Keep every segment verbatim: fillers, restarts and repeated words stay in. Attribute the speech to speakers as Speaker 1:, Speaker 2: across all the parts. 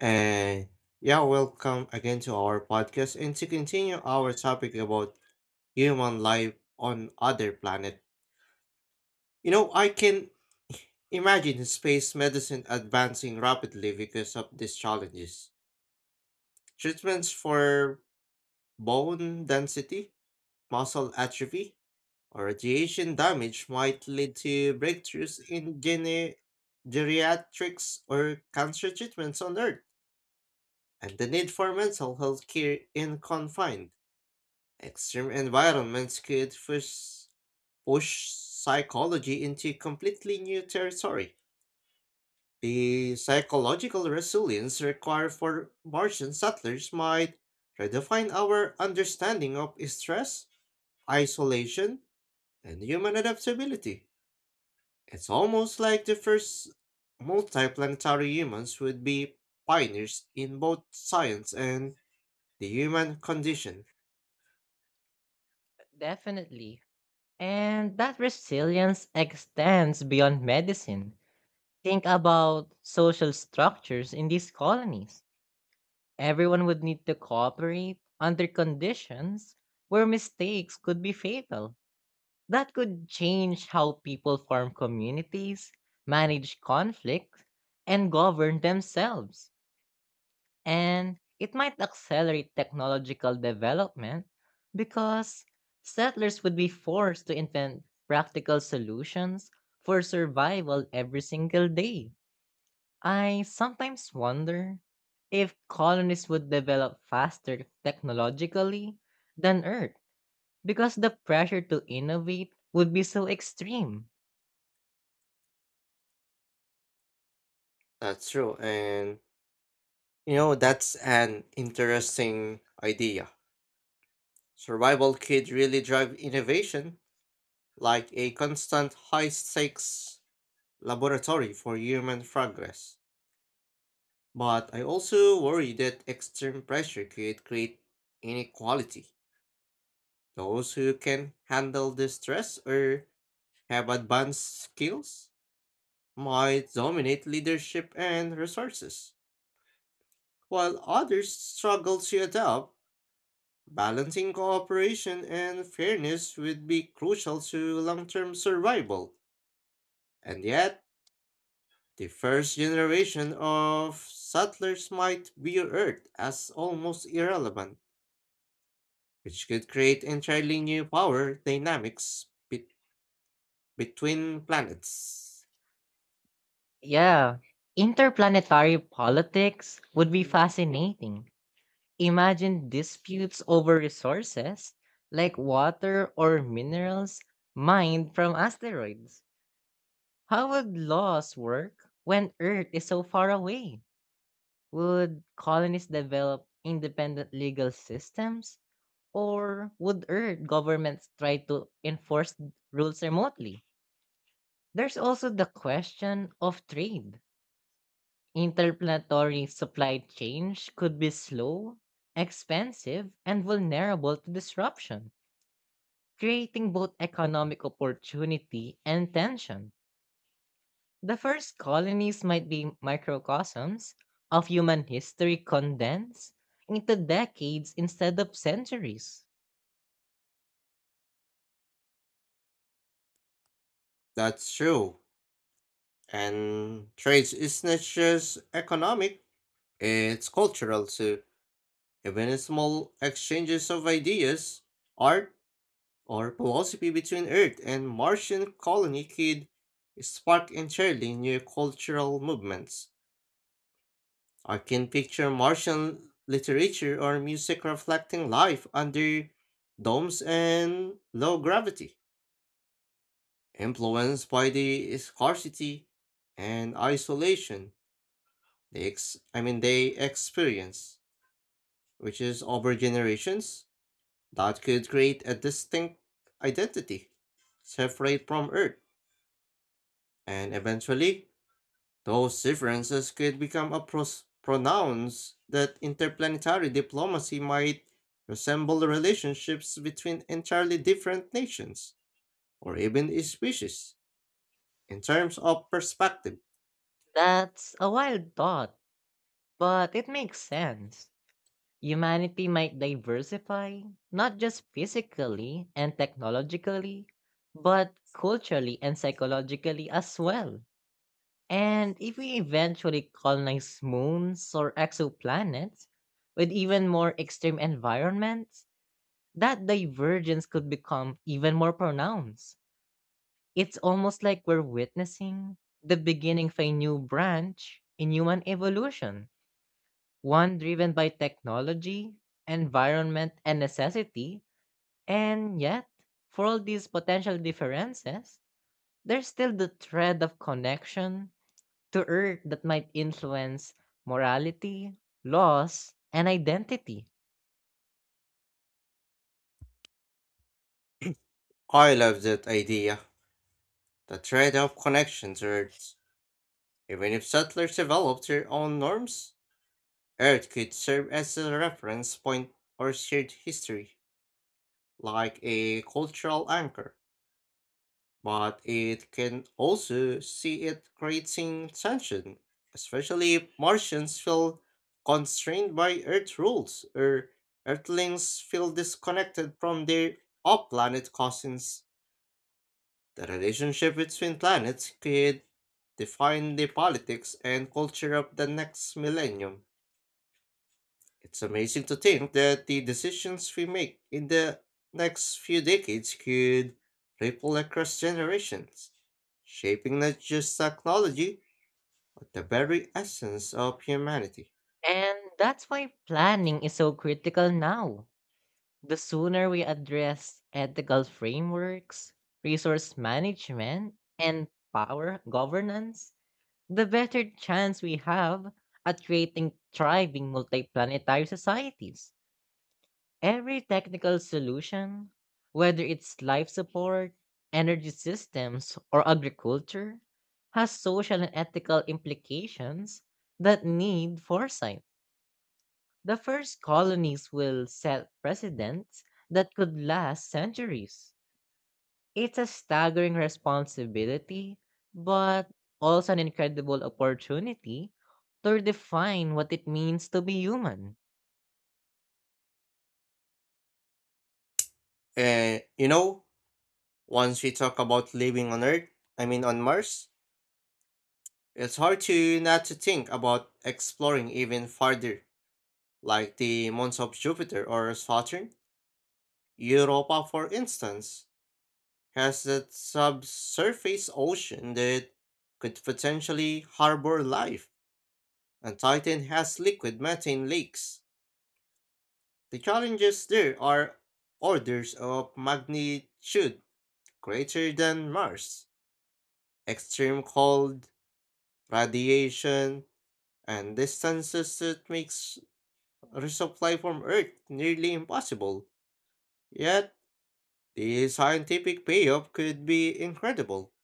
Speaker 1: And yeah, welcome again to our podcast and to continue our topic about human life on other planet. You know, I can imagine space medicine advancing rapidly because of these challenges. Treatments for bone density, muscle atrophy, or radiation damage might lead to breakthroughs in gene- geriatrics or cancer treatments on Earth, and the need for mental health care in confined extreme environments could push, push psychology into completely new territory. The psychological resilience required for Martian settlers might redefine our understanding of stress, isolation, and human adaptability. It's almost like the first multiplanetary humans would be pioneers in both science and the human condition.
Speaker 2: Definitely. And that resilience extends beyond medicine. Think about social structures in these colonies. Everyone would need to cooperate under conditions where mistakes could be fatal. That could change how people form communities, manage conflict, and govern themselves, and it might accelerate technological development because settlers would be forced to invent practical solutions for survival every single day. I sometimes wonder if colonies would develop faster technologically than Earth because the pressure to innovate would be so extreme.
Speaker 1: That's true, and You know, that's an interesting idea. Survival could really drive innovation, like a constant high stakes laboratory for human progress. But I also worry that extreme pressure could create inequality. Those who can handle the stress or have advanced skills might dominate leadership and resources, while others struggle to adapt. Balancing cooperation and fairness would be crucial to long term survival, and yet, the first generation of settlers might view Earth as almost irrelevant, which could create entirely new power dynamics be- between planets.
Speaker 2: Yeah, interplanetary politics would be fascinating. Imagine disputes over resources like water or minerals mined from asteroids. How would laws work when Earth is so far away? Would colonists develop independent legal systems? Or would Earth governments try to enforce rules remotely? There's also the question of trade. Interplanetary supply change could be slow, expensive, and vulnerable to disruption, creating both economic opportunity and tension. The first colonies might be microcosms of human history condensed into decades instead of centuries.
Speaker 1: That's true, and trade is not just economic, it's cultural too. Even small exchanges of ideas, art, or philosophy between Earth and Martian colony could spark entirely new cultural movements. I can picture Martian literature or music reflecting life under domes and low gravity, influenced by the scarcity and isolation they ex- I mean they experience, which is over generations that could create a distinct identity separate from Earth, and eventually those differences could become a pros- pronounce that interplanetary diplomacy might resemble the relationships between entirely different nations or even species in terms of perspective.
Speaker 2: That's a wild thought, but it makes sense. Humanity might diversify, not just physically and technologically, but culturally and psychologically as well. And if we eventually colonize moons or exoplanets with even more extreme environments, that divergence could become even more pronounced. It's almost like we're witnessing the beginning of a new branch in human evolution, one driven by technology, environment, and necessity. And yet, for all these potential differences, there's still the thread of connection to earth that might influence morality, laws, and identity.
Speaker 1: I love that idea, the thread of connections Earth. Even if settlers developed their own norms, Earth could serve as a reference point or shared history, like a cultural anchor. But it can also see it creating tension, especially if Martians feel constrained by Earth rules or Earthlings feel disconnected from their off planet cousins. The relationship between planets could define the politics and culture of the next millennium. It's amazing to think that the decisions we make in the next few decades could ripple across generations, shaping not just technology, but the very essence of humanity.
Speaker 2: And that's why planning is so critical now. The sooner we address ethical frameworks, resource management, and power governance, the better chance we have at creating thriving multiplanetary societies. Every technical solution, whether it's life support, energy systems, or agriculture, has social and ethical implications that need foresight. The first colonies will set precedents that could last centuries. It's a staggering responsibility, but also an incredible opportunity to redefine what it means to be human.
Speaker 1: And you know, once we talk about living on Earth, I mean on Mars, it's hard to not to think about exploring even farther, like the moons of Jupiter or Saturn. Europa, for instance, has a subsurface ocean that could potentially harbor life, and Titan has liquid methane lakes. The challenges there are orders of magnitude greater than Mars. Extreme cold, radiation, and distances that makes resupply from Earth nearly impossible. Yet, the scientific payoff could be incredible.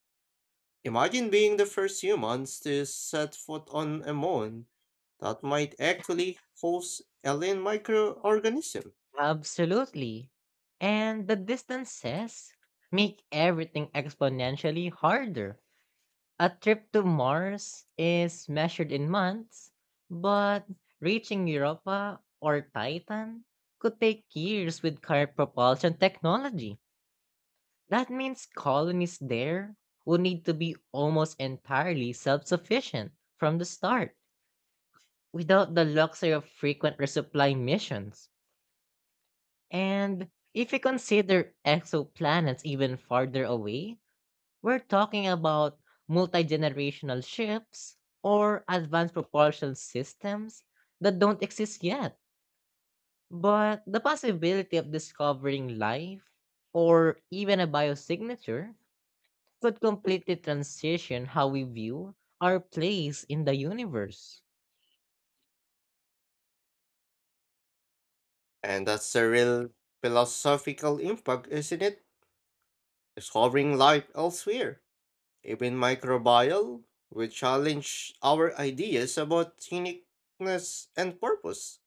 Speaker 1: Imagine being the first humans to set foot on a moon that might actually host alien microorganism.
Speaker 2: Absolutely. And the distances make everything exponentially harder. A trip to Mars is measured in months, but reaching Europa or Titan could take years with current propulsion technology. That means colonies there would need to be almost entirely self sufficient from the start, without the luxury of frequent resupply missions. And if we consider exoplanets even farther away, we're talking about multi generational ships or advanced propulsion systems that don't exist yet. But the possibility of discovering life or even a biosignature could completely transition how we view our place in the universe.
Speaker 1: And that's a real philosophical impact, isn't it? Discovering life elsewhere, even microbial, will challenge our ideas about uniqueness and purpose.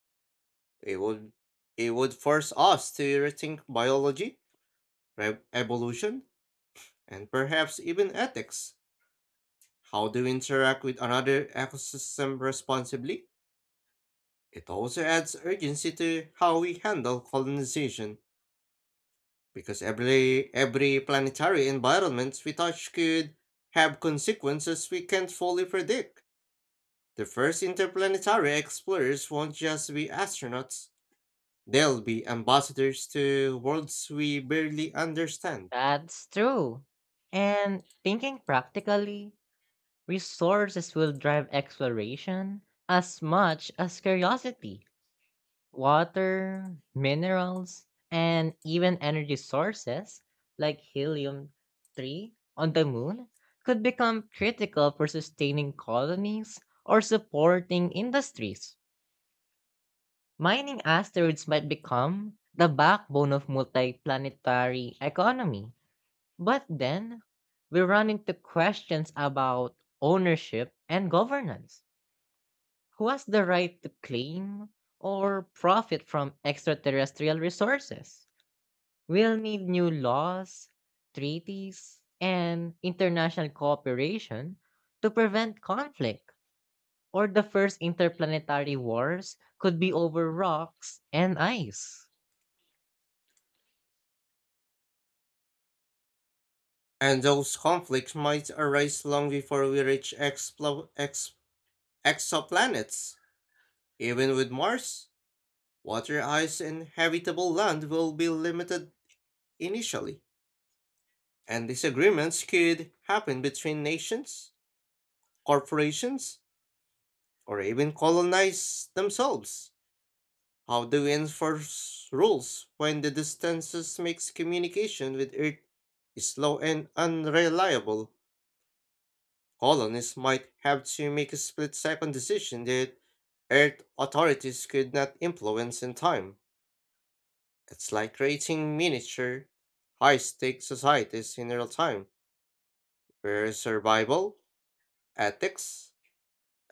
Speaker 1: It would it would force us to rethink biology, re- evolution, and perhaps even ethics. How do we interact with another ecosystem responsibly? It also adds urgency to how we handle colonization, because every, every planetary environment we touch could have consequences we can't fully predict. The first interplanetary explorers won't just be astronauts, they'll be ambassadors to worlds we barely understand.
Speaker 2: That's true. And thinking practically, resources will drive exploration as much as curiosity. Water, minerals, and even energy sources like helium three on the moon could become critical for sustaining colonies or supporting industries. Mining asteroids might become the backbone of multiplanetary economy. But then, we run into questions about ownership and governance. Who has the right to claim or profit from extraterrestrial resources? We'll need new laws, treaties, and international cooperation to prevent conflict, or the first interplanetary wars could be over rocks and ice.
Speaker 1: And those conflicts might arise long before we reach explo- ex- exoplanets. Even with Mars, water ice and habitable land will be limited initially, and disagreements could happen between nations, corporations, or even colonize themselves. How do we enforce rules when the distances makes communication with Earth slow and unreliable? Colonists might have to make a split-second decision that Earth authorities could not influence in time. It's like creating miniature, high stakes societies in real time, where survival, ethics,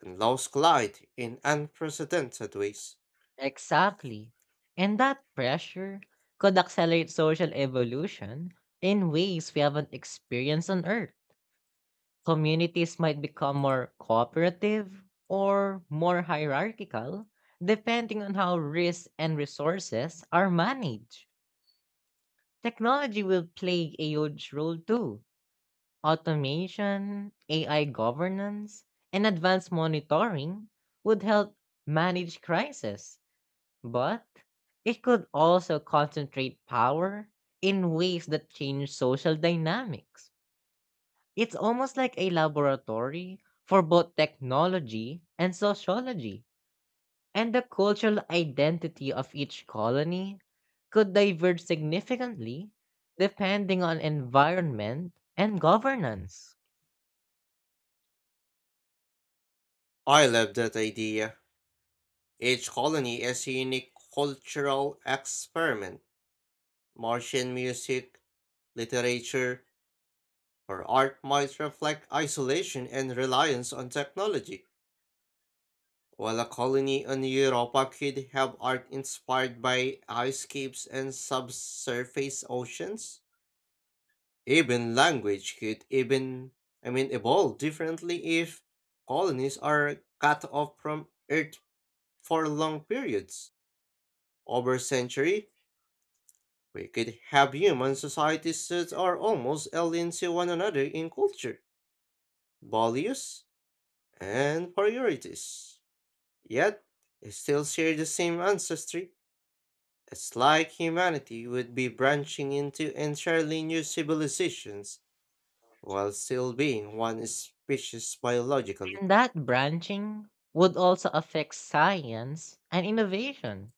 Speaker 1: and laws collide in unprecedented ways.
Speaker 2: Exactly. And that pressure could accelerate social evolution in ways we haven't experienced on Earth. Communities might become more cooperative or more hierarchical, depending on how risks and resources are managed. Technology will play a huge role too. Automation, A I governance, and advanced monitoring would help manage crisis, but it could also concentrate power in ways that change social dynamics. It's almost like a laboratory for both technology and sociology, and the cultural identity of each colony could diverge significantly depending on environment and governance.
Speaker 1: I love that idea. Each colony is a unique cultural experiment. Martian music, literature, or art might reflect isolation and reliance on technology. While a colony on Europa could have art inspired by ice caves and subsurface oceans, even language could even, I mean, evolve differently if colonies are cut off from Earth for long periods. Over a century, we could have human societies that are almost alien to one another in culture, values, and priorities. Yet, still share the same ancestry. It's like humanity would be branching into entirely new civilizations while still being one species biologically.
Speaker 2: And that branching would also affect science and innovation.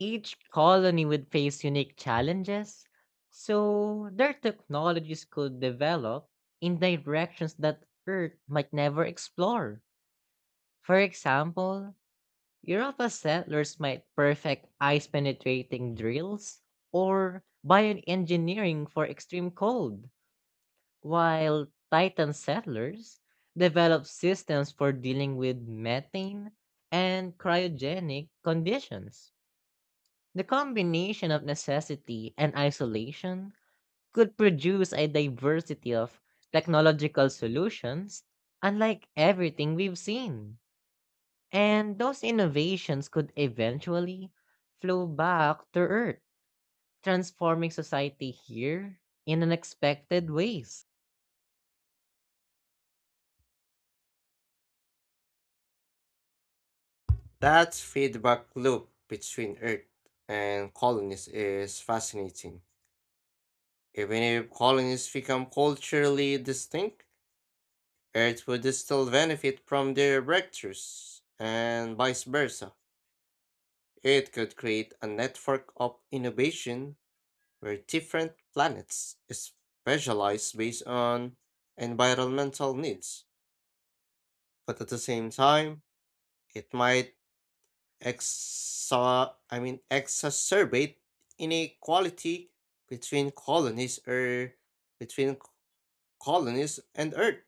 Speaker 2: Each colony would face unique challenges, so their technologies could develop in directions that Earth might never explore. For example, Europa settlers might perfect ice penetrating drills or bioengineering for extreme cold, while Titan settlers develop systems for dealing with methane and cryogenic conditions. The combination of necessity and isolation could produce a diversity of technological solutions unlike everything we've seen. And those innovations could eventually flow back to Earth, transforming society here in unexpected ways.
Speaker 1: That feedback loop between Earth and colonies is fascinating. Even if colonies become culturally distinct, Earth would still benefit from their breakthroughs, and vice versa. It could create a network of innovation where different planets specialize based on environmental needs, but at the same time, it might exa- I mean exacerbate inequality between colonies or between c- colonies and Earth.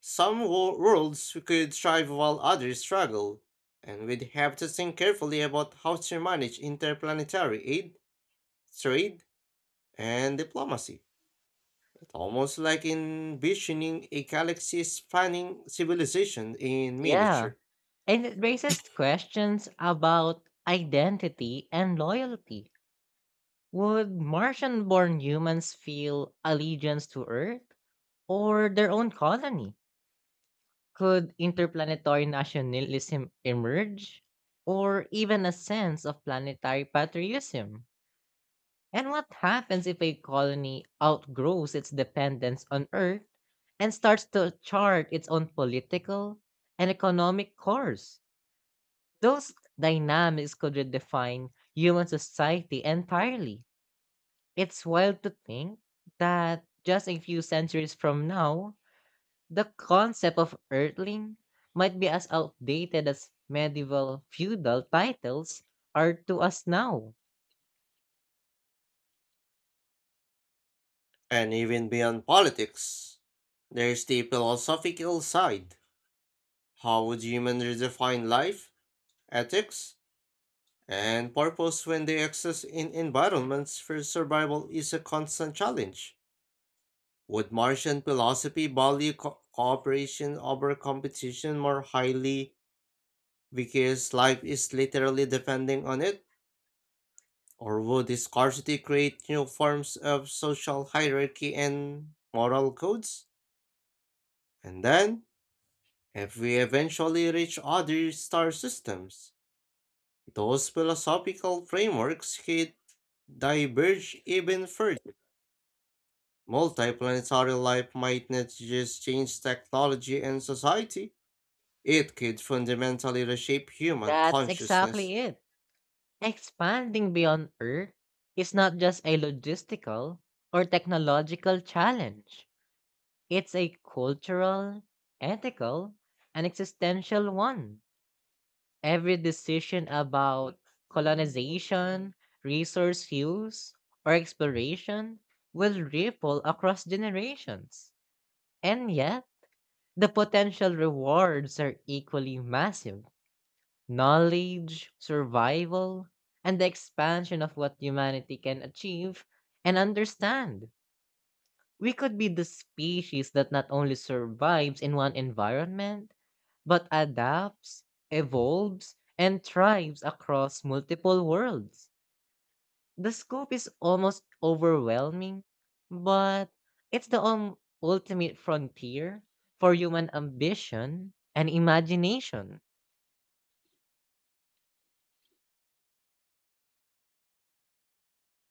Speaker 1: Some wo- worlds could thrive while others struggle, and we'd have to think carefully about how to manage interplanetary aid, trade, and diplomacy. Almost like envisioning a galaxy spanning civilization in
Speaker 2: Yeah,
Speaker 1: miniature.
Speaker 2: and it raises questions about identity and loyalty. Would Martian born humans feel allegiance to Earth or their own colony? Could interplanetary nationalism emerge? Or even a sense of planetary patriotism? And what happens if a colony outgrows its dependence on Earth and starts to chart its own political and economic course? Those dynamics could redefine human society entirely. It's wild to think that just a few centuries from now, the concept of Earthling might be as outdated as medieval feudal titles are to us now.
Speaker 1: And even beyond politics, there's the philosophical side. How would humans redefine life, ethics, and purpose when they exist in environments where survival is a constant challenge? Would Martian philosophy value co- cooperation over competition more highly because life is literally depending on it? Or would the scarcity create new forms of social hierarchy and moral codes? And then, if we eventually reach other star systems, those philosophical frameworks could diverge even further. Multiplanetary life might not just change technology and society, it could fundamentally reshape human
Speaker 2: That's
Speaker 1: consciousness.
Speaker 2: exactly it. Expanding beyond Earth is not just a logistical or technological challenge. It's a cultural, ethical, and existential one. Every decision about colonization, resource use, or exploration will ripple across generations. And yet, the potential rewards are equally massive: knowledge, survival, and the expansion of what humanity can achieve and understand. We could be the species that not only survives in one environment, but adapts, evolves, and thrives across multiple worlds. The scope is almost overwhelming, but it's the um, ultimate frontier for human ambition and imagination.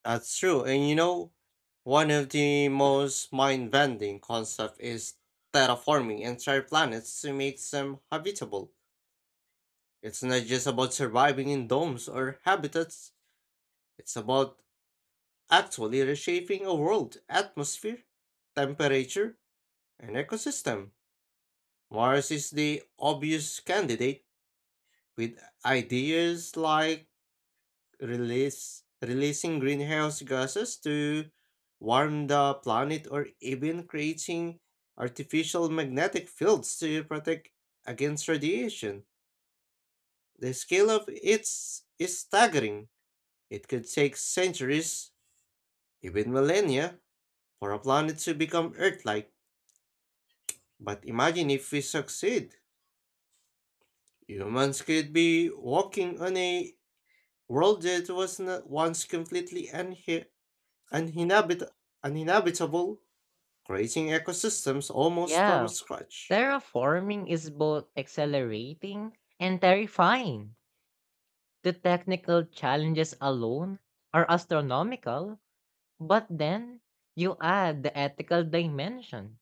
Speaker 1: That's true. And you know, one of the most mind bending concepts is terraforming entire planets to make them habitable. It's not just about surviving in domes or habitats, it's about actually reshaping a world atmosphere, temperature, and ecosystem. Mars is the obvious candidate with ideas like release releasing greenhouse gases to warm the planet or even creating artificial magnetic fields to protect against radiation. The scale of its staggering. It could take centuries, even millennia, for a planet to become Earth-like. But imagine if we succeed. Humans could be walking on a world that was not once completely uninhabit- uninhabitable, creating ecosystems almost from
Speaker 2: Yeah,
Speaker 1: scratch.
Speaker 2: terraforming is both accelerating and terrifying. The technical challenges alone are astronomical, but then you add the ethical dimension.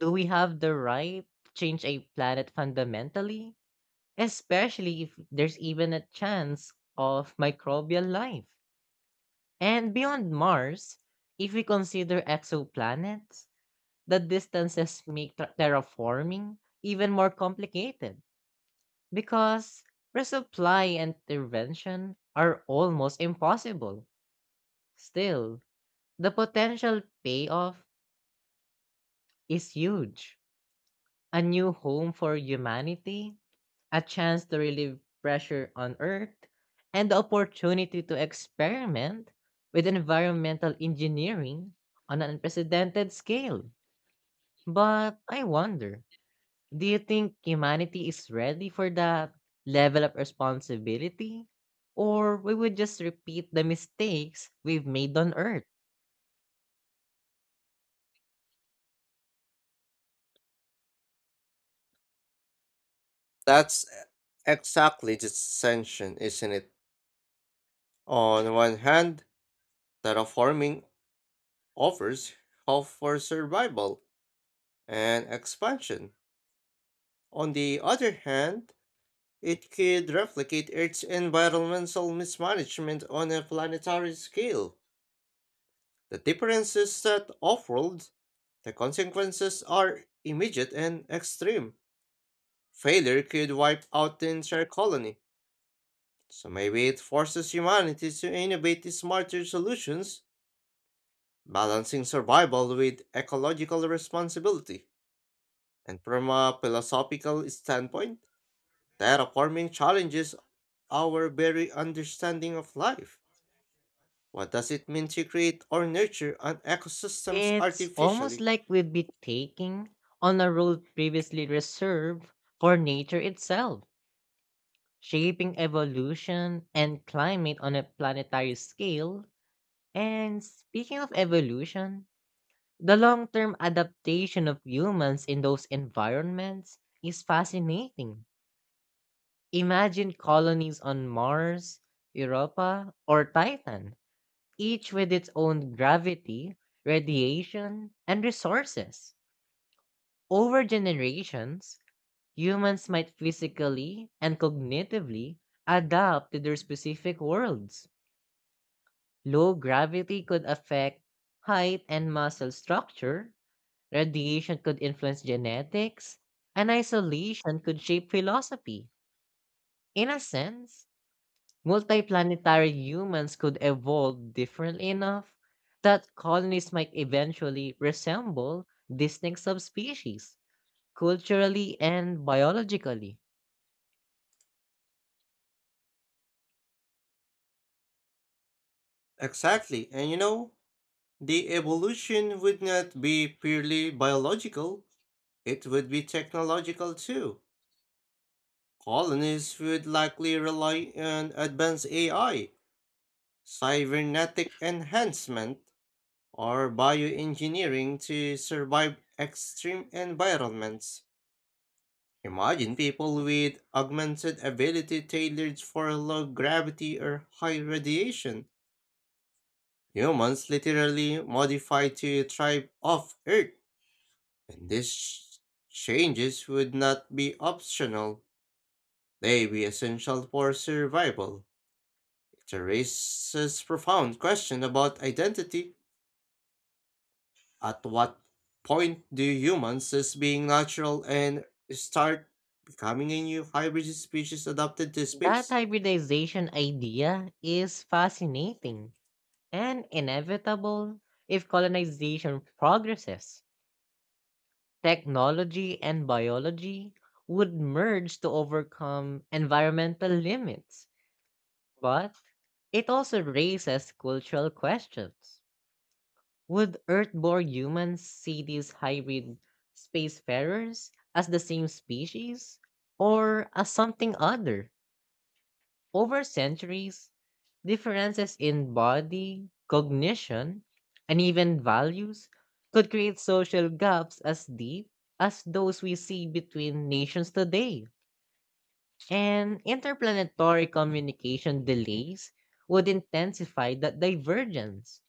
Speaker 2: Do we have the right to change a planet fundamentally? Especially if there's even a chance of microbial life. And beyond Mars, if we consider exoplanets, the distances make ter- terraforming even more complicated. Because resupply and intervention are almost impossible. Still, the potential payoff is huge. A new home for humanity, a chance to relieve pressure on Earth, and the opportunity to experiment with environmental engineering on an unprecedented scale. But I wonder, do you think humanity is ready for that level of responsibility? Or we would just repeat the mistakes we've made on Earth?
Speaker 1: That's exactly the tension, isn't it? On one hand, terraforming offers hope for survival and expansion. On the other hand, it could replicate Earth's environmental mismanagement on a planetary scale. The difference is that off-world, the consequences are immediate and extreme. Failure could wipe out the entire colony, so maybe it forces humanity to innovate smarter solutions, balancing survival with ecological responsibility. And from a philosophical standpoint, terraforming challenges our very understanding of life. What does it mean to create or nurture an ecosystems
Speaker 2: It's almost
Speaker 1: artificially?
Speaker 2: like we'd be taking on a role previously reserved for nature itself, shaping evolution and climate on a planetary scale. And speaking of evolution, the long term adaptation of humans in those environments is fascinating. Imagine colonies on Mars, Europa, or Titan, each with its own gravity, radiation, and resources. Over generations, humans might physically and cognitively adapt to their specific worlds. Low gravity could affect height and muscle structure, radiation could influence genetics, and isolation could shape philosophy. In a sense, multiplanetary humans could evolve differently enough that colonies might eventually resemble distinct subspecies, culturally and biologically.
Speaker 1: Exactly, and you know, the evolution would not be purely biological, it would be technological too. Colonists would likely rely on advanced A I, cybernetic enhancement, or bioengineering to survive extreme environments. Imagine people with augmented ability tailored for low gravity or high radiation. Humans literally modified to thrive off Earth. And these changes would not be optional, they be essential for survival. It raises profound question about identity. At what point do humans cease being natural and start becoming a new hybrid species adapted to
Speaker 2: That
Speaker 1: space?
Speaker 2: hybridization idea is fascinating and inevitable if colonization progresses. Technology and biology would merge to overcome environmental limits, but it also raises cultural questions. Would Earthborn humans see these hybrid spacefarers as the same species or as something other? Over centuries, differences in body, cognition, and even values could create social gaps as deep as those we see between nations today. And interplanetary communication delays would intensify that divergence.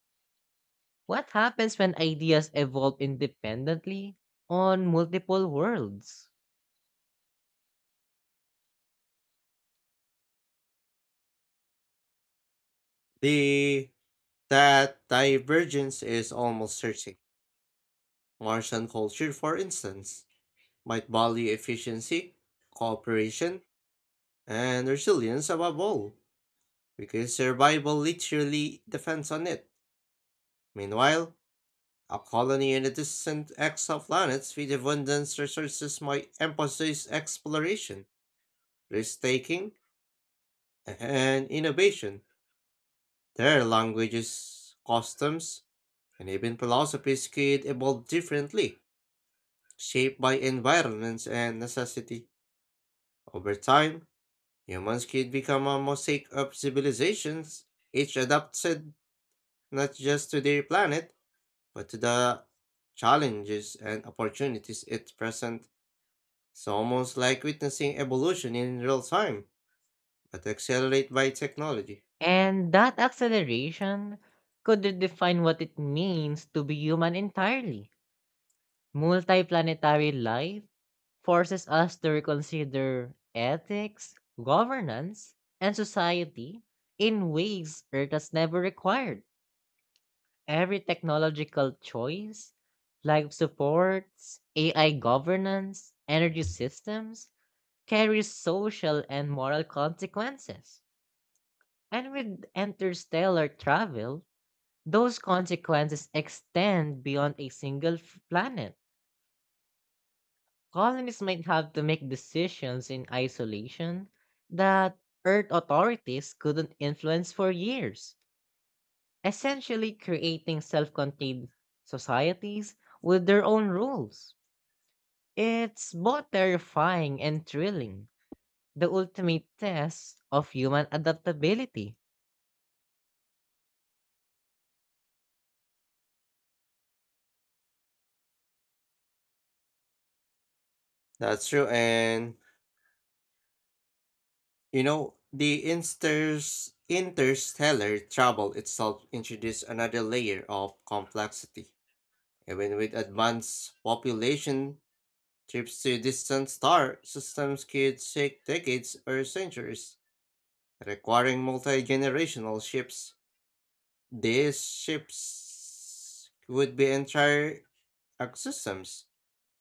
Speaker 2: What happens when ideas evolve independently on multiple worlds?
Speaker 1: The that divergence is almost certain. Martian culture, for instance, might value efficiency, cooperation, and resilience above all, because survival literally depends on it. Meanwhile, a colony in a distant exoplanet with abundant resources might emphasize exploration, risk taking, and innovation. Their languages, customs, and even philosophies could evolve differently, shaped by environments and necessity. Over time, humans could become a mosaic of civilizations, each adapted not just to their planet, but to the challenges and opportunities it presents. It's almost like witnessing evolution in real time, but accelerated by technology.
Speaker 2: And that acceleration could redefine what it means to be human entirely. Multiplanetary life forces us to reconsider ethics, governance, and society in ways Earth has never required. Every technological choice, life supports, A I governance, energy systems, carries social and moral consequences. And with interstellar travel, those consequences extend beyond a single f- planet. Colonists might have to make decisions in isolation that Earth authorities couldn't influence for years, essentially creating self contained societies with their own rules. It's both terrifying and thrilling, the ultimate test of human adaptability.
Speaker 1: That's true, and you know, the interst- interstellar travel itself introduced another layer of complexity. Even with advanced population, trips to distant star systems could take decades or centuries, requiring multi generational shifts. These ships would be entire ecosystems,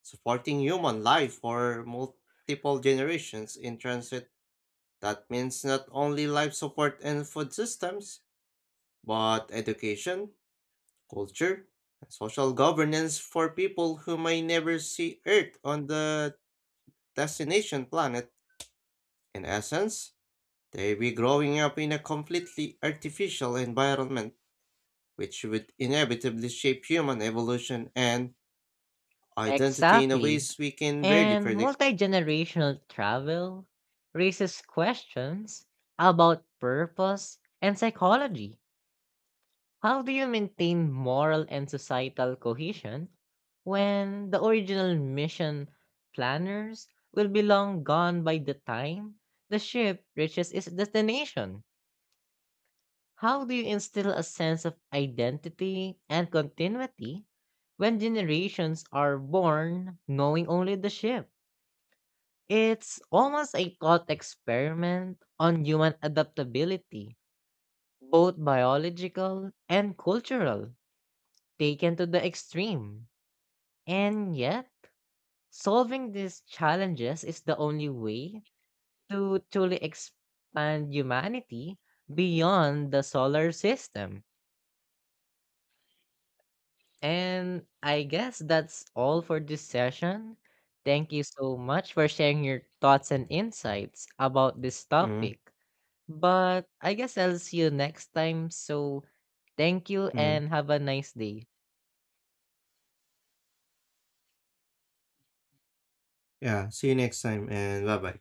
Speaker 1: supporting human life for multiple generations in transit. That means not only life support and food systems, but education, culture, and social governance for people who may never see Earth on the destination planet. In essence, they be growing up in a completely artificial environment, which would inevitably shape human evolution and identity in a
Speaker 2: Exactly.
Speaker 1: ways we can barely
Speaker 2: And
Speaker 1: predict.
Speaker 2: multi-generational travel raises questions about purpose and psychology. How do you maintain moral and societal cohesion when the original mission planners will be long gone by the time the ship reaches its destination? How do you instill a sense of identity and continuity when generations are born knowing only the ship? It's almost a thought experiment on human adaptability, both biological and cultural, taken to the extreme. And yet, solving these challenges is the only way to truly expand humanity beyond the solar system. And I guess that's all for this session. Thank you so much for sharing your thoughts and insights about this
Speaker 1: Mm,
Speaker 2: topic. But I guess I'll see you next time. So thank you
Speaker 1: mm.
Speaker 2: and have a nice day.
Speaker 1: Yeah, see you next time and bye bye.